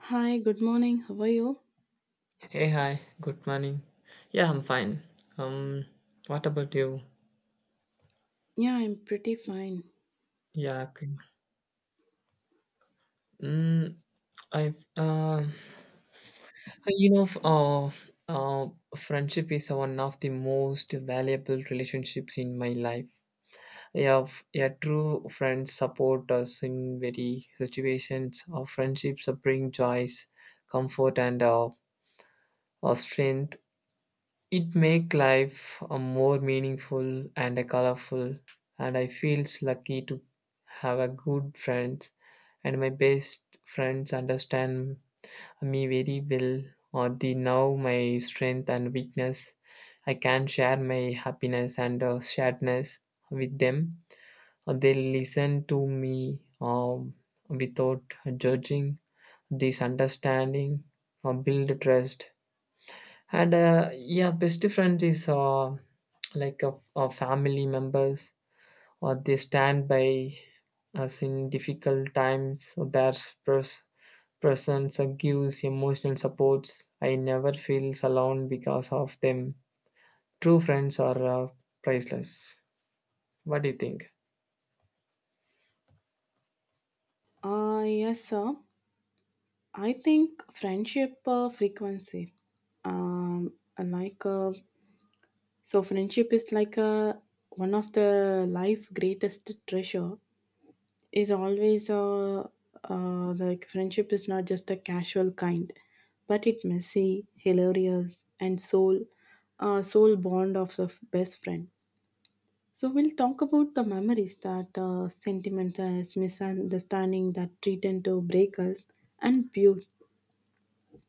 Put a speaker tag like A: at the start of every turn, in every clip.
A: Hi, good morning. How are you?
B: Hey, hi, good morning. Yeah, I'm fine. Um, what about you?
A: Yeah, I'm pretty fine.
B: Yeah, okay. Mm, I, you know, f- uh, friendship is one of the most valuable relationships in my life. True friends support us in very situations. Our friendships bring joys, comfort, and our strength. It make life a more meaningful and a colorful, and I feels lucky to have a good friends, and my best friends understand me very well, or they know my strength and weakness. I can share my happiness and sadness with them. They listen to me without judging. This understanding build trust, and yeah, best friend is like a family members, or they stand by us in difficult times. So their pres- presence gives emotional supports. I never feels alone because of them. True friends are priceless. What do you think?
A: Yes, sir. I think friendship frequency. Um, like, so, friendship is like one of the life greatest treasure. Is always like Friendship is not just a casual kind, but it messy, hilarious, and soul bond of the best friend. So we'll talk about the memories that sentiment as misunderstanding that threaten to break us and build.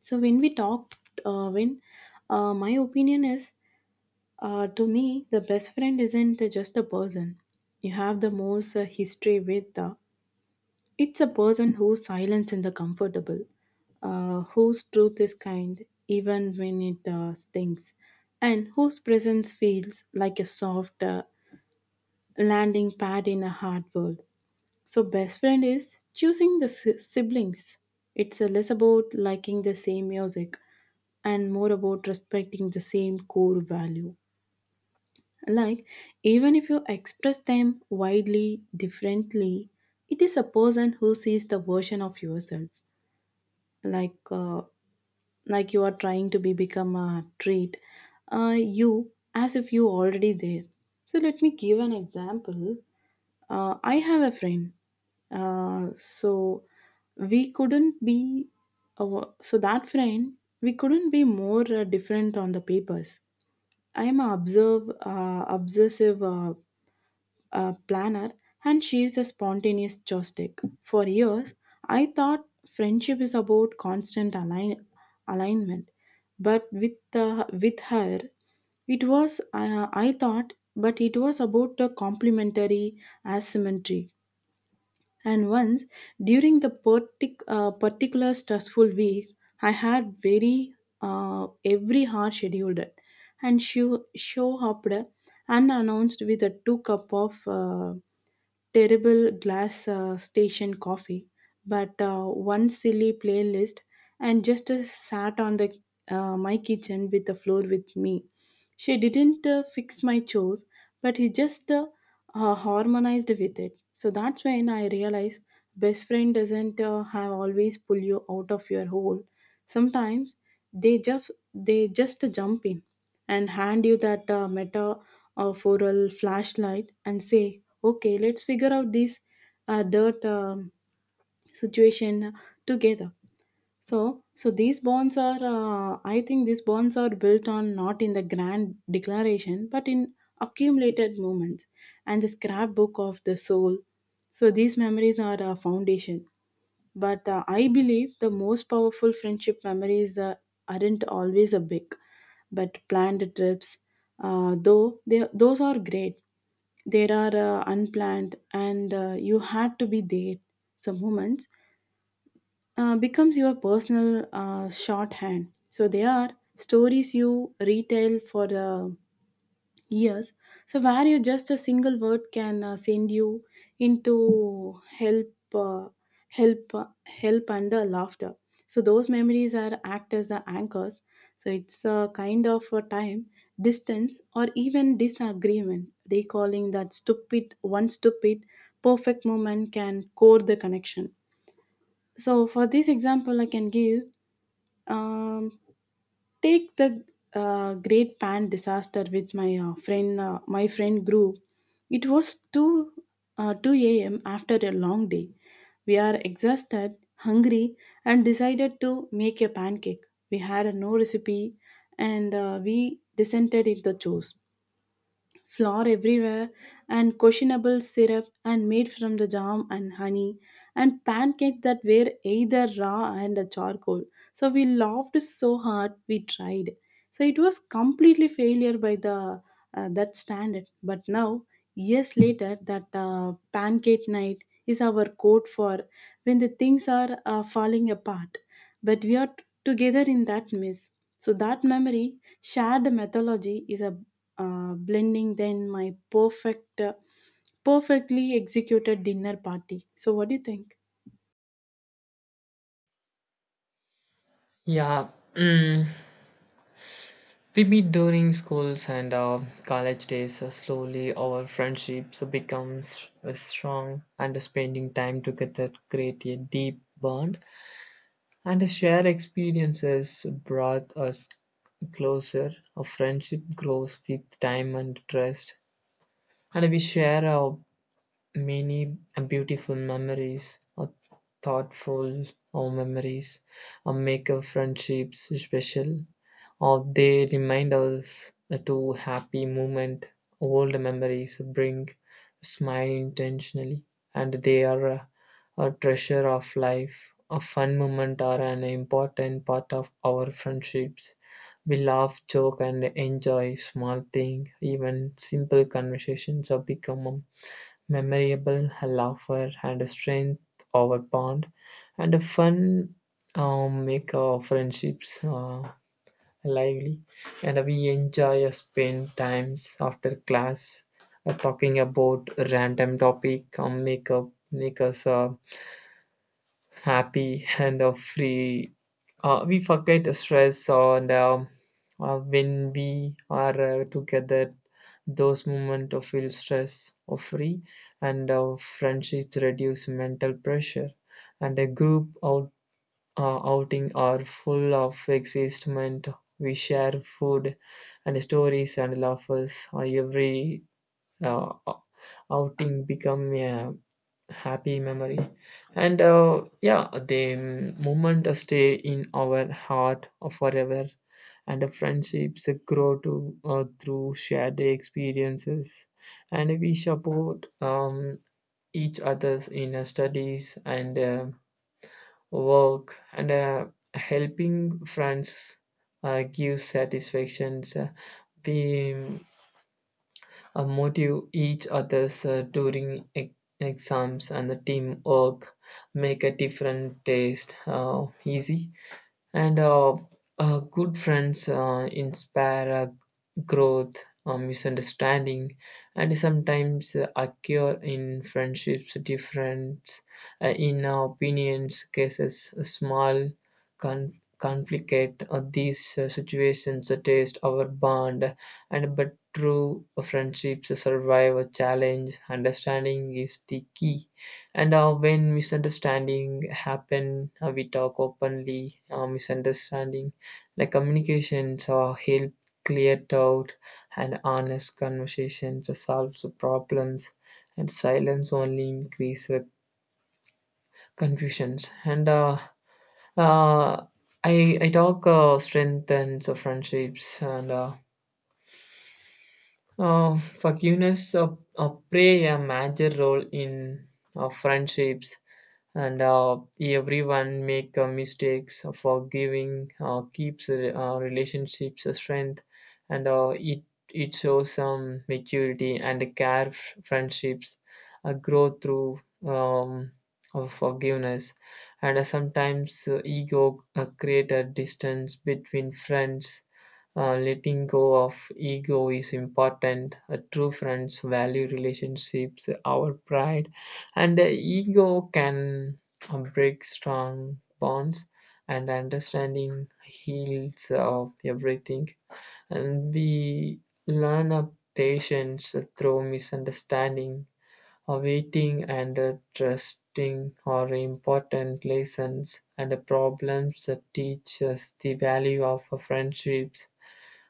A: So when we talk, when uh, my opinion is, to me, the best friend isn't just a person. You have the most history with. The. It's a person who's silence in the comfortable, whose truth is kind even when it stings, and whose presence feels like a soft landing pad in a hard world. So, best friend is choosing the siblings. It's less about liking the same music and more about respecting the same core value. Like, even if you express them widely differently, it is a person who sees the version of yourself. Like, uh, like, you are trying to be become a trait, you as if you already there. So let me give an example. I have a friend. Uh, so we couldn't be, so that friend, we couldn't be more different on the papers. I am a obsessive planner, and she is a spontaneous joystick. For years, I thought friendship is about constant alignment. But with her, it was, I thought, but it was about the complementary asymmetry. And once during the particular stressful week, I had very every hour scheduled it, and she show up there unannounced with a two cup of terrible glass station coffee, but one silly playlist, and just sat on the my kitchen with the floor with me. She didn't fix my chores, but he just harmonized with it. So that's when I realized best friend doesn't have always pull you out of your hole. Sometimes they just they just jump in and hand you that metaphorical flashlight and say, okay, let's figure out this dirt situation together. So, I think these bonds are built on not in the grand declaration, but in accumulated moments and the scrapbook of the soul. So these memories are a foundation, but I believe the most powerful friendship memories aren't always a big, but planned trips. Though those are great, there are unplanned, and you had to be there. Some moments becomes your personal shorthand. So they are stories you retell for the. Yes. So where you just a single word can send you into help under laughter. So those memories are act as the anchors. So it's a kind of a time, distance, or even disagreement. Recalling that stupid, one stupid, perfect moment can core the connection. So for this example, I can give. Um, Take the great pan disaster with my friend my friend group. It was 2 uh, 2 a.m. after a long day. We are exhausted, hungry, and decided to make a pancake. We had no recipe, and we descended into the chores, flour everywhere, and questionable syrup and made from the jam and honey, and pancakes that were either raw and a charcoal. So we laughed so hard we tried. So it was completely failure by the that standard. But now, years later, that pancake night is our code for when the things are falling apart. But we are together in that mess. So that memory, shared mythology, is a blending then my perfectly executed dinner party. So what do you think?
B: Yeah. Mm, we meet during schools and college days. Slowly, our friendships becomes strong, and spending time together create a deep bond. And shared experiences brought us closer. A friendship grows with time and trust. And we share our many beautiful memories or thoughtful or memories, or make our friendships special, or they remind us to happy moment. Old memories bring smile intentionally, and they are a treasure of life. A fun moment are an important part of our friendships. We laugh, joke, and enjoy small things. Even simple conversations have become memorable. A laughter and a strength of a bond and a fun make our friendships lively, and we enjoy spend times after class talking about random topic. Make up make us happy and free. We forget the stress, and when we are together, those moments of feel stress or free, and friendship reduce mental pressure, and a group out, outing are full of excitement. We share food and stories and laughs. Every uh, outing become a happy memory, and yeah, the moment stay in our heart forever, and the friendships grow to through shared experiences, and we support each others in studies and work, and helping friends give satisfactions. We motive each others during exams, and the teamwork make a different taste easy, and good friends inspire growth. Misunderstanding and sometimes occur in friendships difference in opinions cases a small con- conflict. These situations test our bond, and but true friendships survive a challenge. Understanding is the key, and when misunderstanding happen, we talk openly. Misunderstanding, like communications, help clear doubt, and honest conversations to solve the problems. And silence only increase the confusions. And uh, I talk strengthens the friendships and. Forgiveness play a major role in friendships, and everyone make mistakes. Forgiving keeps relationships strength, and it shows some maturity and care. Friendships grow through um, of forgiveness, and sometimes ego create a distance between friends. Letting go of ego is important. True friends value relationships, our pride, and the ego can break strong bonds. And understanding heals of everything. And we learn of patience through misunderstanding. Waiting and trusting are important lessons, and the problems that teach us the value of friendships,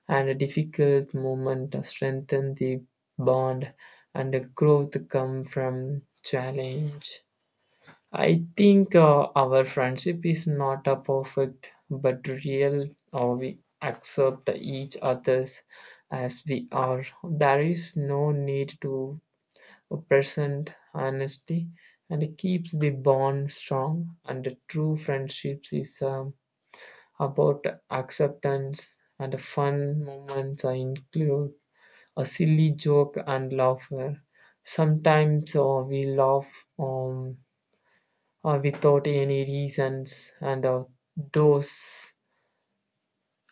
B: and a difficult moment strengthen the bond, and the growth comes from challenge. I think our friendship is not a perfect but real, or we accept each other's as we are. There is no need to present honesty and keeps the bond strong. And the true friendships is about acceptance, and fun moments include a silly joke and laughter. Sometimes we laugh without any reasons, and those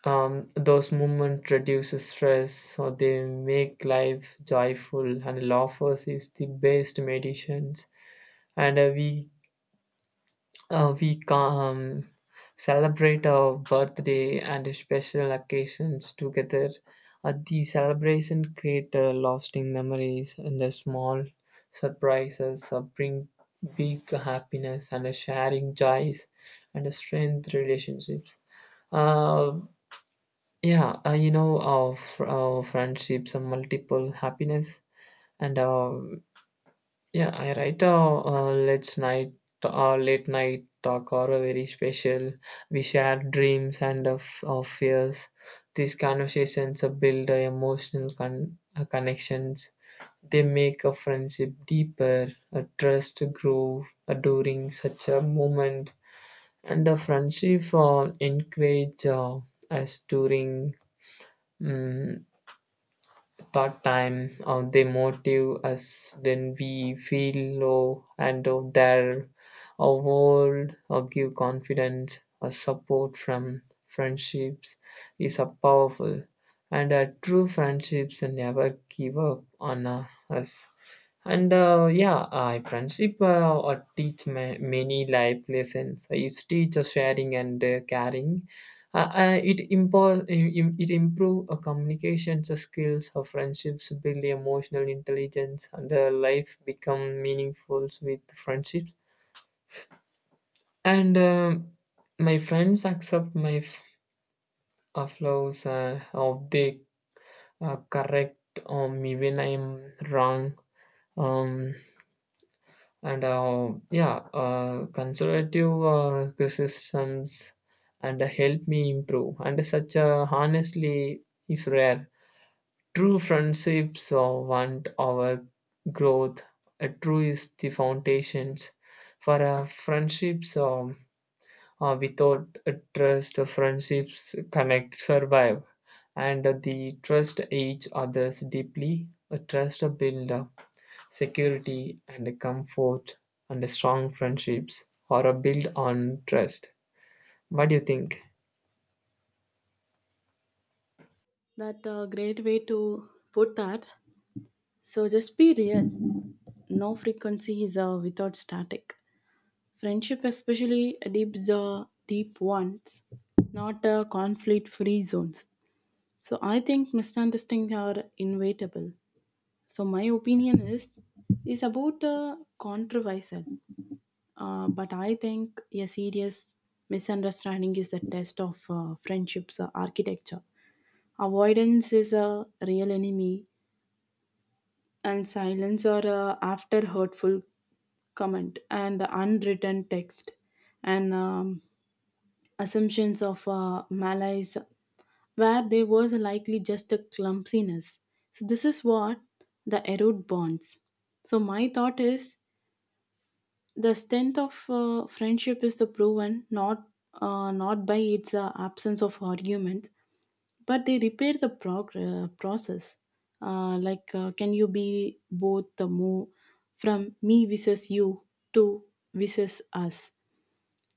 B: those moments reduce stress, so they make life joyful. And laughter is the best medicines, and we can um, celebrate our birthday and special occasions together. The celebration create lasting memories, and the small surprises bring big happiness and a sharing joys and a strength relationships. Uh, yeah, our, our friendships are multiple happiness, and yeah, I write a let's night or late night talk or a very special. We share dreams and of fears. These conversations build emotional connections. They make a friendship deeper, a trust grow during such a moment, and the friendship encourage us during. Mm, part time they motivate us when we feel low, and their word give confidence or support from friendships is a powerful, and true friendships never give up on us, and yeah, friendship or teach many life lessons. It teaches sharing and caring, uh, uh, it impo- im- it improve a communications skills. Friendships build emotional intelligence, and life become meaningful with friendships. And my friends accept my flaws, of they correct me when I'm wrong. Um, and yeah, conservative criticisms and help me improve. And such honestly is rare. True friendships want our growth. A true is the foundations for a friendships. Without a trust, friendships connect, survive, and the trust each others deeply. A trust build security and comfort, and strong friendships are built on trust. What do you think?
A: That a great way to put that. So just be real. No frequency is without static. Friendship, especially deep the deep ones, not conflict-free zones. So I think misunderstandings are inevitable. So my opinion is about controversial. But I think a serious misunderstanding is the test of friendship's architecture. Avoidance is a real enemy, and silence or after hurtful comment, and unwritten text, and assumptions of malice, where there was likely just a clumsiness. So, this is what the erode bonds. So, my thought is: the strength of friendship is the proven, not by its absence of argument, but they repair the process. Like, can you be both the move from me versus you to versus us,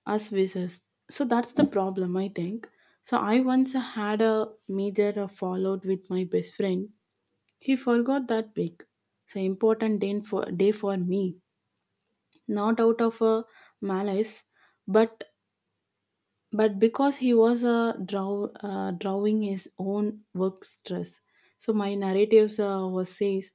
A: us versus? So that's the problem, I think. So I once had a major fallout with my best friend. He forgot that big, so important day for me, not out of malice, but but because he was drawing his own work stress. So my narratives was says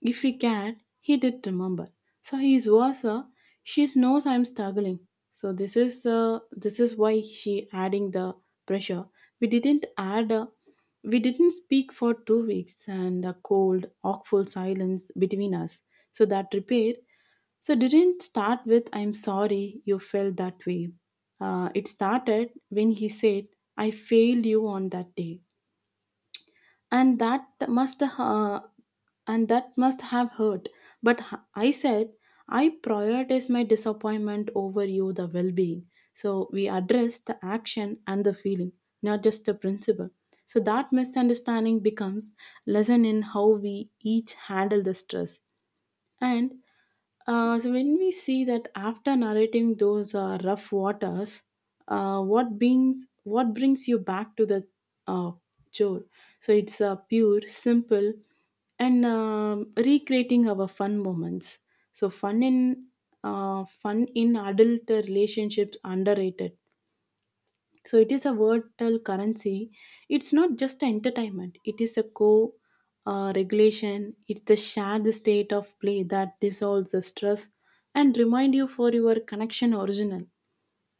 A: if he can he did remember. So his was she knows I'm struggling. So this is why she adding the pressure. We didn't add uh, we didn't speak for 2 weeks, and a cold awful silence between us. So that repair, so it didn't start with "I'm sorry you felt that way." It started when he said, "I failed you on that day," and that must uh, and that must have hurt. But I said, "I prioritize my disappointment over you, the well-being." So we address the action and the feeling, not just the principle. So that misunderstanding becomes lesson in how we each handle the stress. And so when we see that after narrating those rough waters, what brings you back to the uh, chore? So it's pure, simple, and recreating our fun moments. So fun in adult relationships underrated, so it is a virtual currency. It's not just entertainment. It is a co regulation. It's the shared state of play that dissolves the stress and remind you for your connection original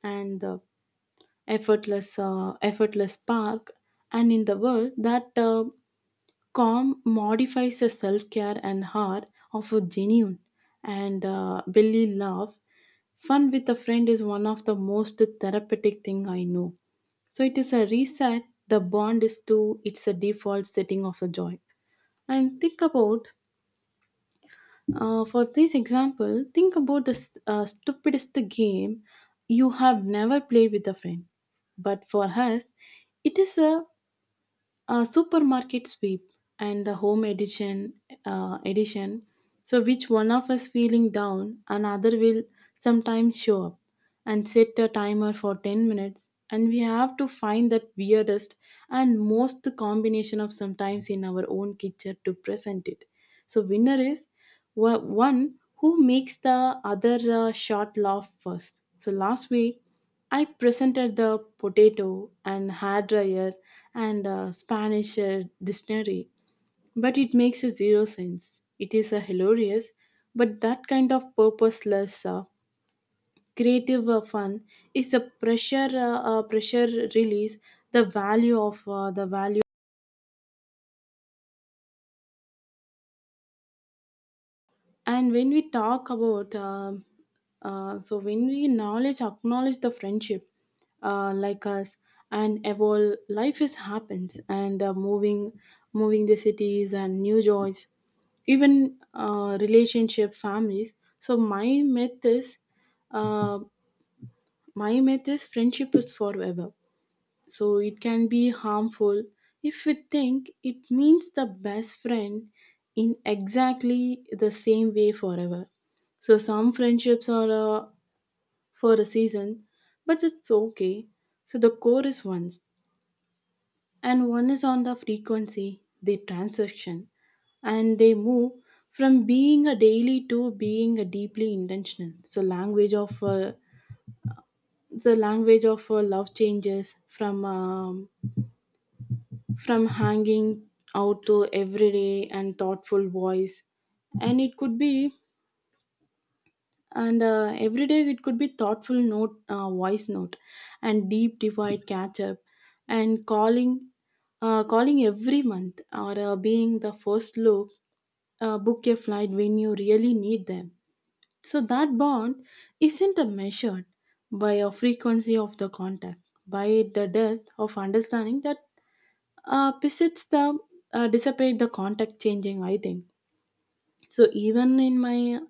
A: and effortless spark. And in the world that calm modifies the self care and heart of a genuine and belly love. Fun with a friend is one of the most therapeutic thing I know. So it is a reset. The bond is to it's a default setting of a joy. And think about for this example, think about the stupidest game you have never played with a friend. But for us, it is a supermarket sweep and the home edition. So which one of us feeling down, another will sometimes show up and set a timer for 10 minutes, and we have to find that weirdest and most combination of sometimes in our own kitchen to present it. So winner is one who makes the other shot laugh first. So last week I presented the potato and hair dryer and Spanish dictionary, but it makes a zero sense. It is a hilarious, but that kind of purposeless creative fun is the pressure release, the value. And when we talk about, so when we knowledge acknowledge the friendship, like us, and evolve. Life is happens and moving the cities and new joys, even relationship, families. So my myth is, uh, friendship is forever, so it can be harmful if we think it means the best friend in exactly the same way forever. So some friendships are for a season, but it's okay. So the core is once and one is on the frequency the transaction, and they move from being a daily to being a deeply intentional. So language of the language of love changes from hanging out to everyday and thoughtful voice, and it could be, and every day it could be thoughtful note, voice note, and deep divide catch up, and calling every month, or being the first look, book a flight when you really need them. So that bond isn't a measured by a frequency of the contact, by the depth of understanding that, besides the, dissipate the contact changing, I think. So even in my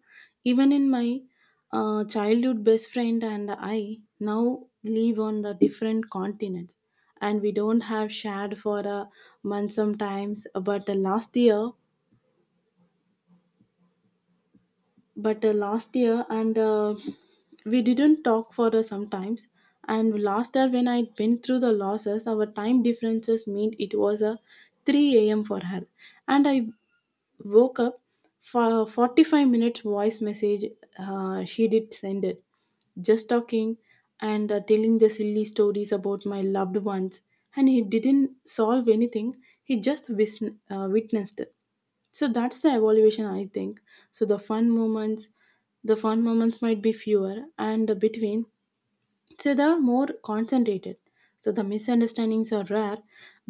A: even in my uh, childhood best friend and I now live on the different continents, and we don't have shared for a month sometimes. But last year, but last year and we didn't talk for sometimes. And last year when I went through the losses, our time differences meant it was a 3 a.m. for her, and I woke up for 45 minutes voice message, she did send it, just talking, and telling the silly stories about my loved ones. And he didn't solve anything, he just witnessed it. So that's the evaluation, I think. So the fun moments might be fewer and between, so they are more concentrated. So the misunderstandings are rare,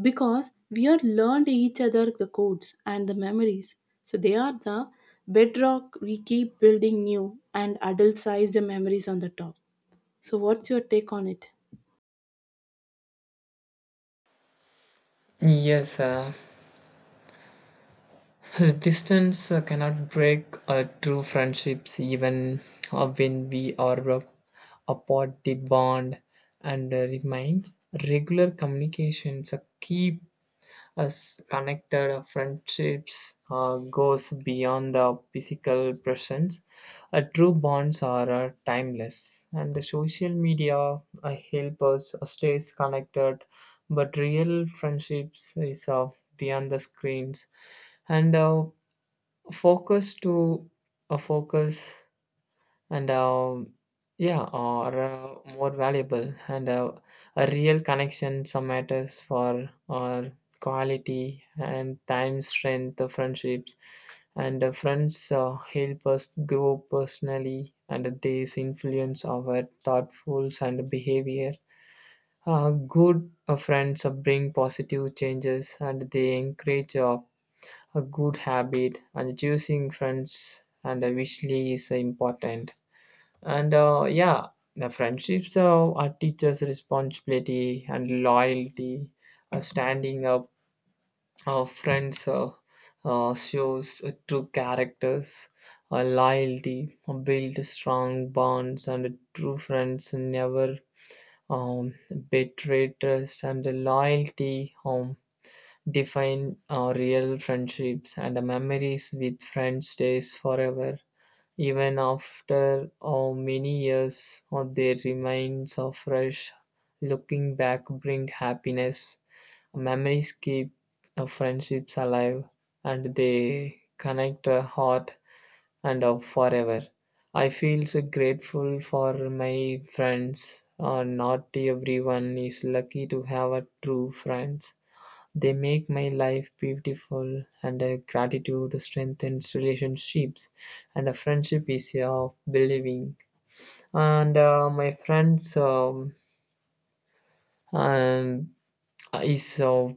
A: because we are learned each other the codes and the memories. So they are the bedrock we keep building new and adult sized memories on the top. So what's your take on it?
B: Yes, distance cannot break true friendships even when we are apart. The bond and remains. Regular communications keep us connected. Friendships goes beyond the physical presence. True bonds are timeless, and the social media help us stays connected, but real friendships is beyond the screens, and focus to a focus, and yeah, or more valuable, and a real connection. Some matters for our quality and time, strength, the friendships, and the friends help us grow personally, and they influence our thoughtfuls and behavior. Good friends bring positive changes, and they encourage. A good habit, and choosing friends and wisely is important. And yeah, the friendships are teachers' responsibility and loyalty. Standing up, our friends shows true characters. Loyalty build strong bonds, and true friends never um, betray trust and loyalty. Define our real friendships, and the memories with friends stays forever, even after how many years, or they remain so fresh. Looking back bring happiness. Memories keep our friendships alive, and they connect our heart and our forever. I feel so grateful for my friends. Not everyone is lucky to have a true friends. They make my life beautiful, and gratitude strengthens relationships, and a friendship is of believing. And my friends um, is of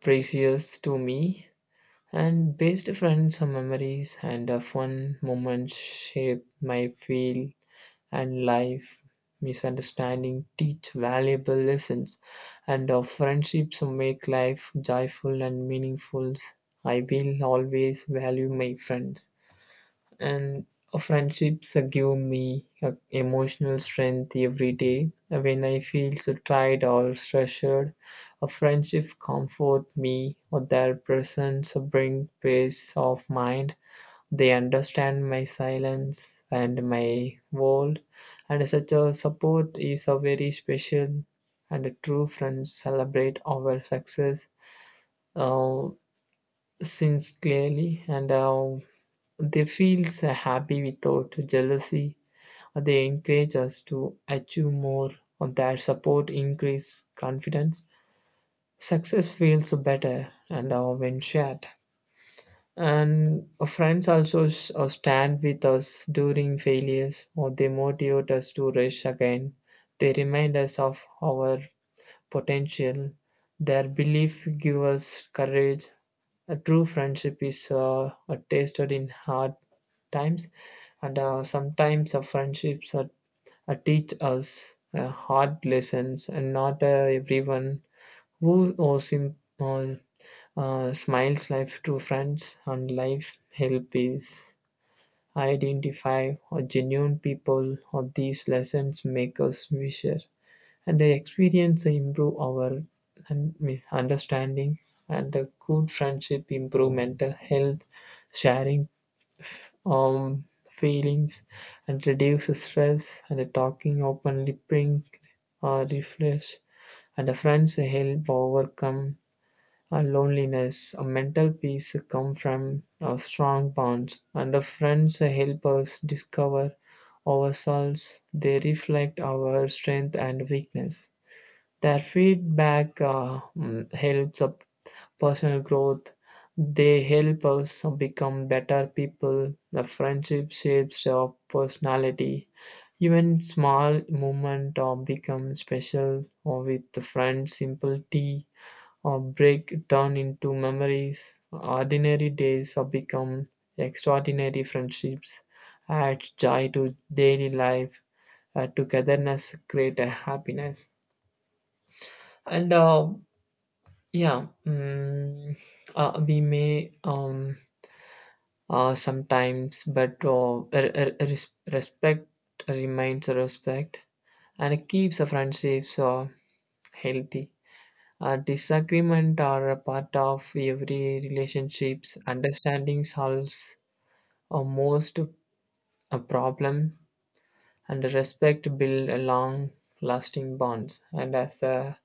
B: precious to me. And best friends are memories, and fun moments shape my feel and life. Misunderstandings teach valuable lessons, and our friendships make life joyful and meaningful. I will always value my friends, and our friendships give me emotional strength every day. When I feel so tired or stressed, a friendship comfort me, or their presence bring peace of mind. They understand my silence and my world, and such a support is a very special. And a true friends celebrate our success, uh, since clearly, and they feel so happy without jealousy. They encourage us to achieve more. Their support increase confidence. Success feels better, and when shared. And our friends also stand with us during failures, or they motivate us to rush again. They remind us of our potential. Their belief give us courage. A true friendship is tasted in hard times, and sometimes our friendships are, teach us hard lessons, and not everyone who or smiles life to friends, and life help is identify or genuine people, or these lessons make us wiser, and the experience improve our understanding, and a good friendship improve mental health. Sharing um feelings and reduce stress, and the talking openly bring refresh, and the friends help overcome a loneliness. A mental peace come from a strong bonds, and a friends help us discover ourselves. They reflect our strength and weakness. Their feedback helps up personal growth. They help us become better people. The friendship shapes our personality. Even small moment or become special, or with the friends, simple tea or break down into memories. Ordinary days have become extraordinary. Friendships add joy to daily life. Togetherness create a happiness. And yeah, we may sometimes, but respect remains respect and keeps the friendships healthy. Disagreement are a part of every relationships. Understanding solves most a problem, and respect build a long-lasting bonds. And as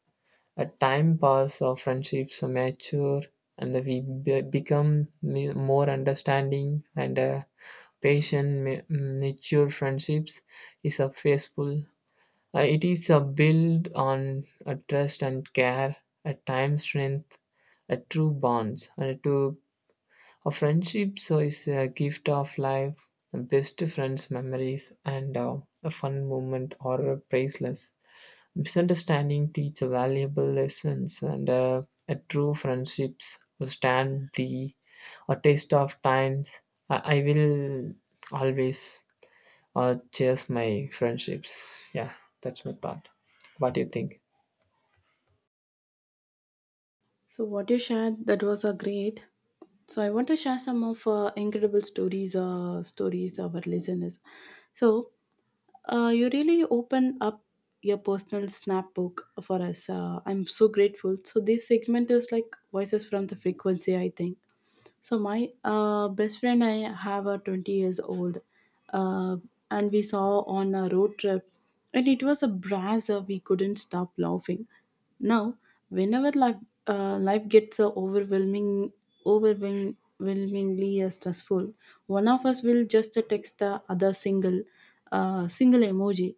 B: a time pass, our friendships mature, and we become more understanding and patient. Mature friendships is a faithful. It is a build on a trust and care, a time strength, a true bonds, and to a friendship. So is a gift of life, the best friends, memories, and a fun moment or priceless. Misunderstanding teach a valuable lessons, and a true friendships will stand the a taste of times. I will always. Or chase my friendships. Yeah, that's my thought. What do you think?
A: So what you shared, that was a great. So I want to share some of incredible stories of our listeners. So, you really open up your personal snapbook for us. I'm so grateful. So this segment is like voices from the frequency, I think. So my best friend and I have a 20 years old, uh, and we saw on a road trip, and it was a brasser. We couldn't stop laughing. Now, whenever life gets overwhelmingly stressful, one of us will just text the other single, single emoji,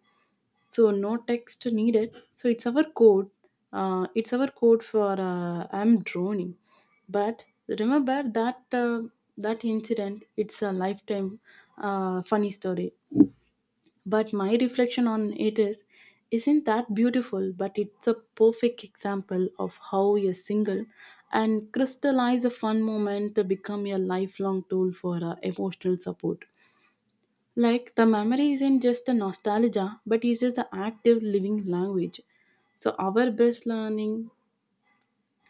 A: so no text needed. So it's our code. It's our code for I'm droning. But remember that incident. It's a lifetime, funny story. But my reflection on it is, isn't that beautiful? But it's a perfect example of how a single and crystallize a fun moment to become a lifelong tool for emotional support. Like the memory isn't just a nostalgia, but it's just the active living language. So our best learning,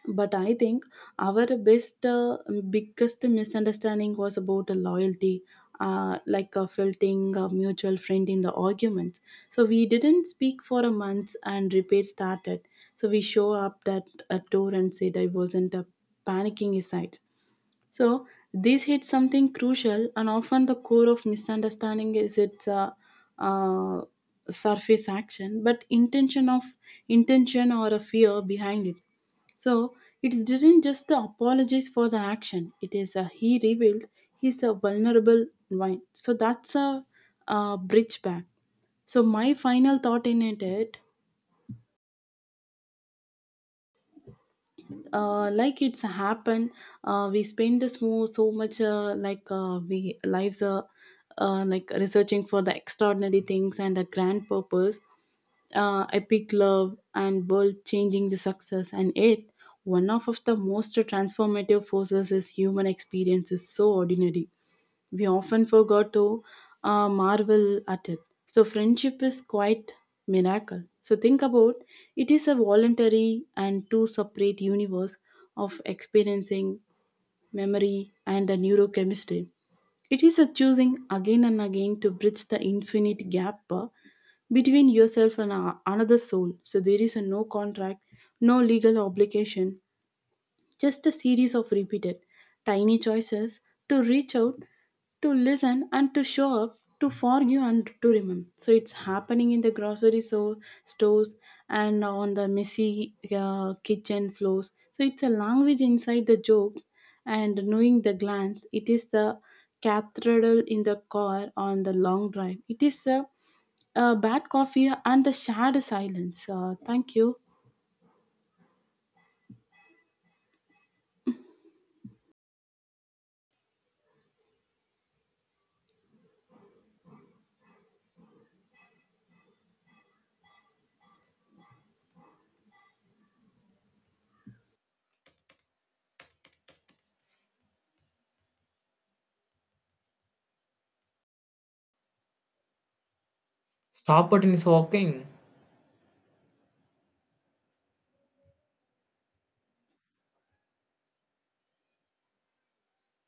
A: but I think our biggest misunderstanding was about the loyalty, like a felting a mutual friend in the arguments. So we didn't speak for a month and repair started. So we show up at a door and said I wasn't panicking aside. So these hit something crucial, and often the core of misunderstanding is its uh, surface action, but intention or a fear behind it. So it didn't just apologize for the action. It is a he revealed he's a vulnerable one. So that's a, bridge back. So my final thought in it, like it's happened, we spend this more so much, we lives, researching for the extraordinary things and the grand purpose, epic love and world changing the success, and it one of the most transformative forces is human experience is so ordinary, we often forgot to marvel at it. So friendship is quite miracle. So think about it is a voluntary and two separate universe of experiencing memory and the neurochemistry. It is a choosing again and again to bridge the infinite gap, between yourself and another soul. So there is a no contract, no legal obligation, just a series of repeated tiny choices to reach out, to listen, and to show up, to forgive and to remember. So it's happening in the grocery, stores, and on the messy kitchen floors. So it's a language inside the jokes and knowing the glance. It is the cathedral in the car on the long drive. It is a bad coffee and the shared silence. Thank you.
B: Stop it in walking.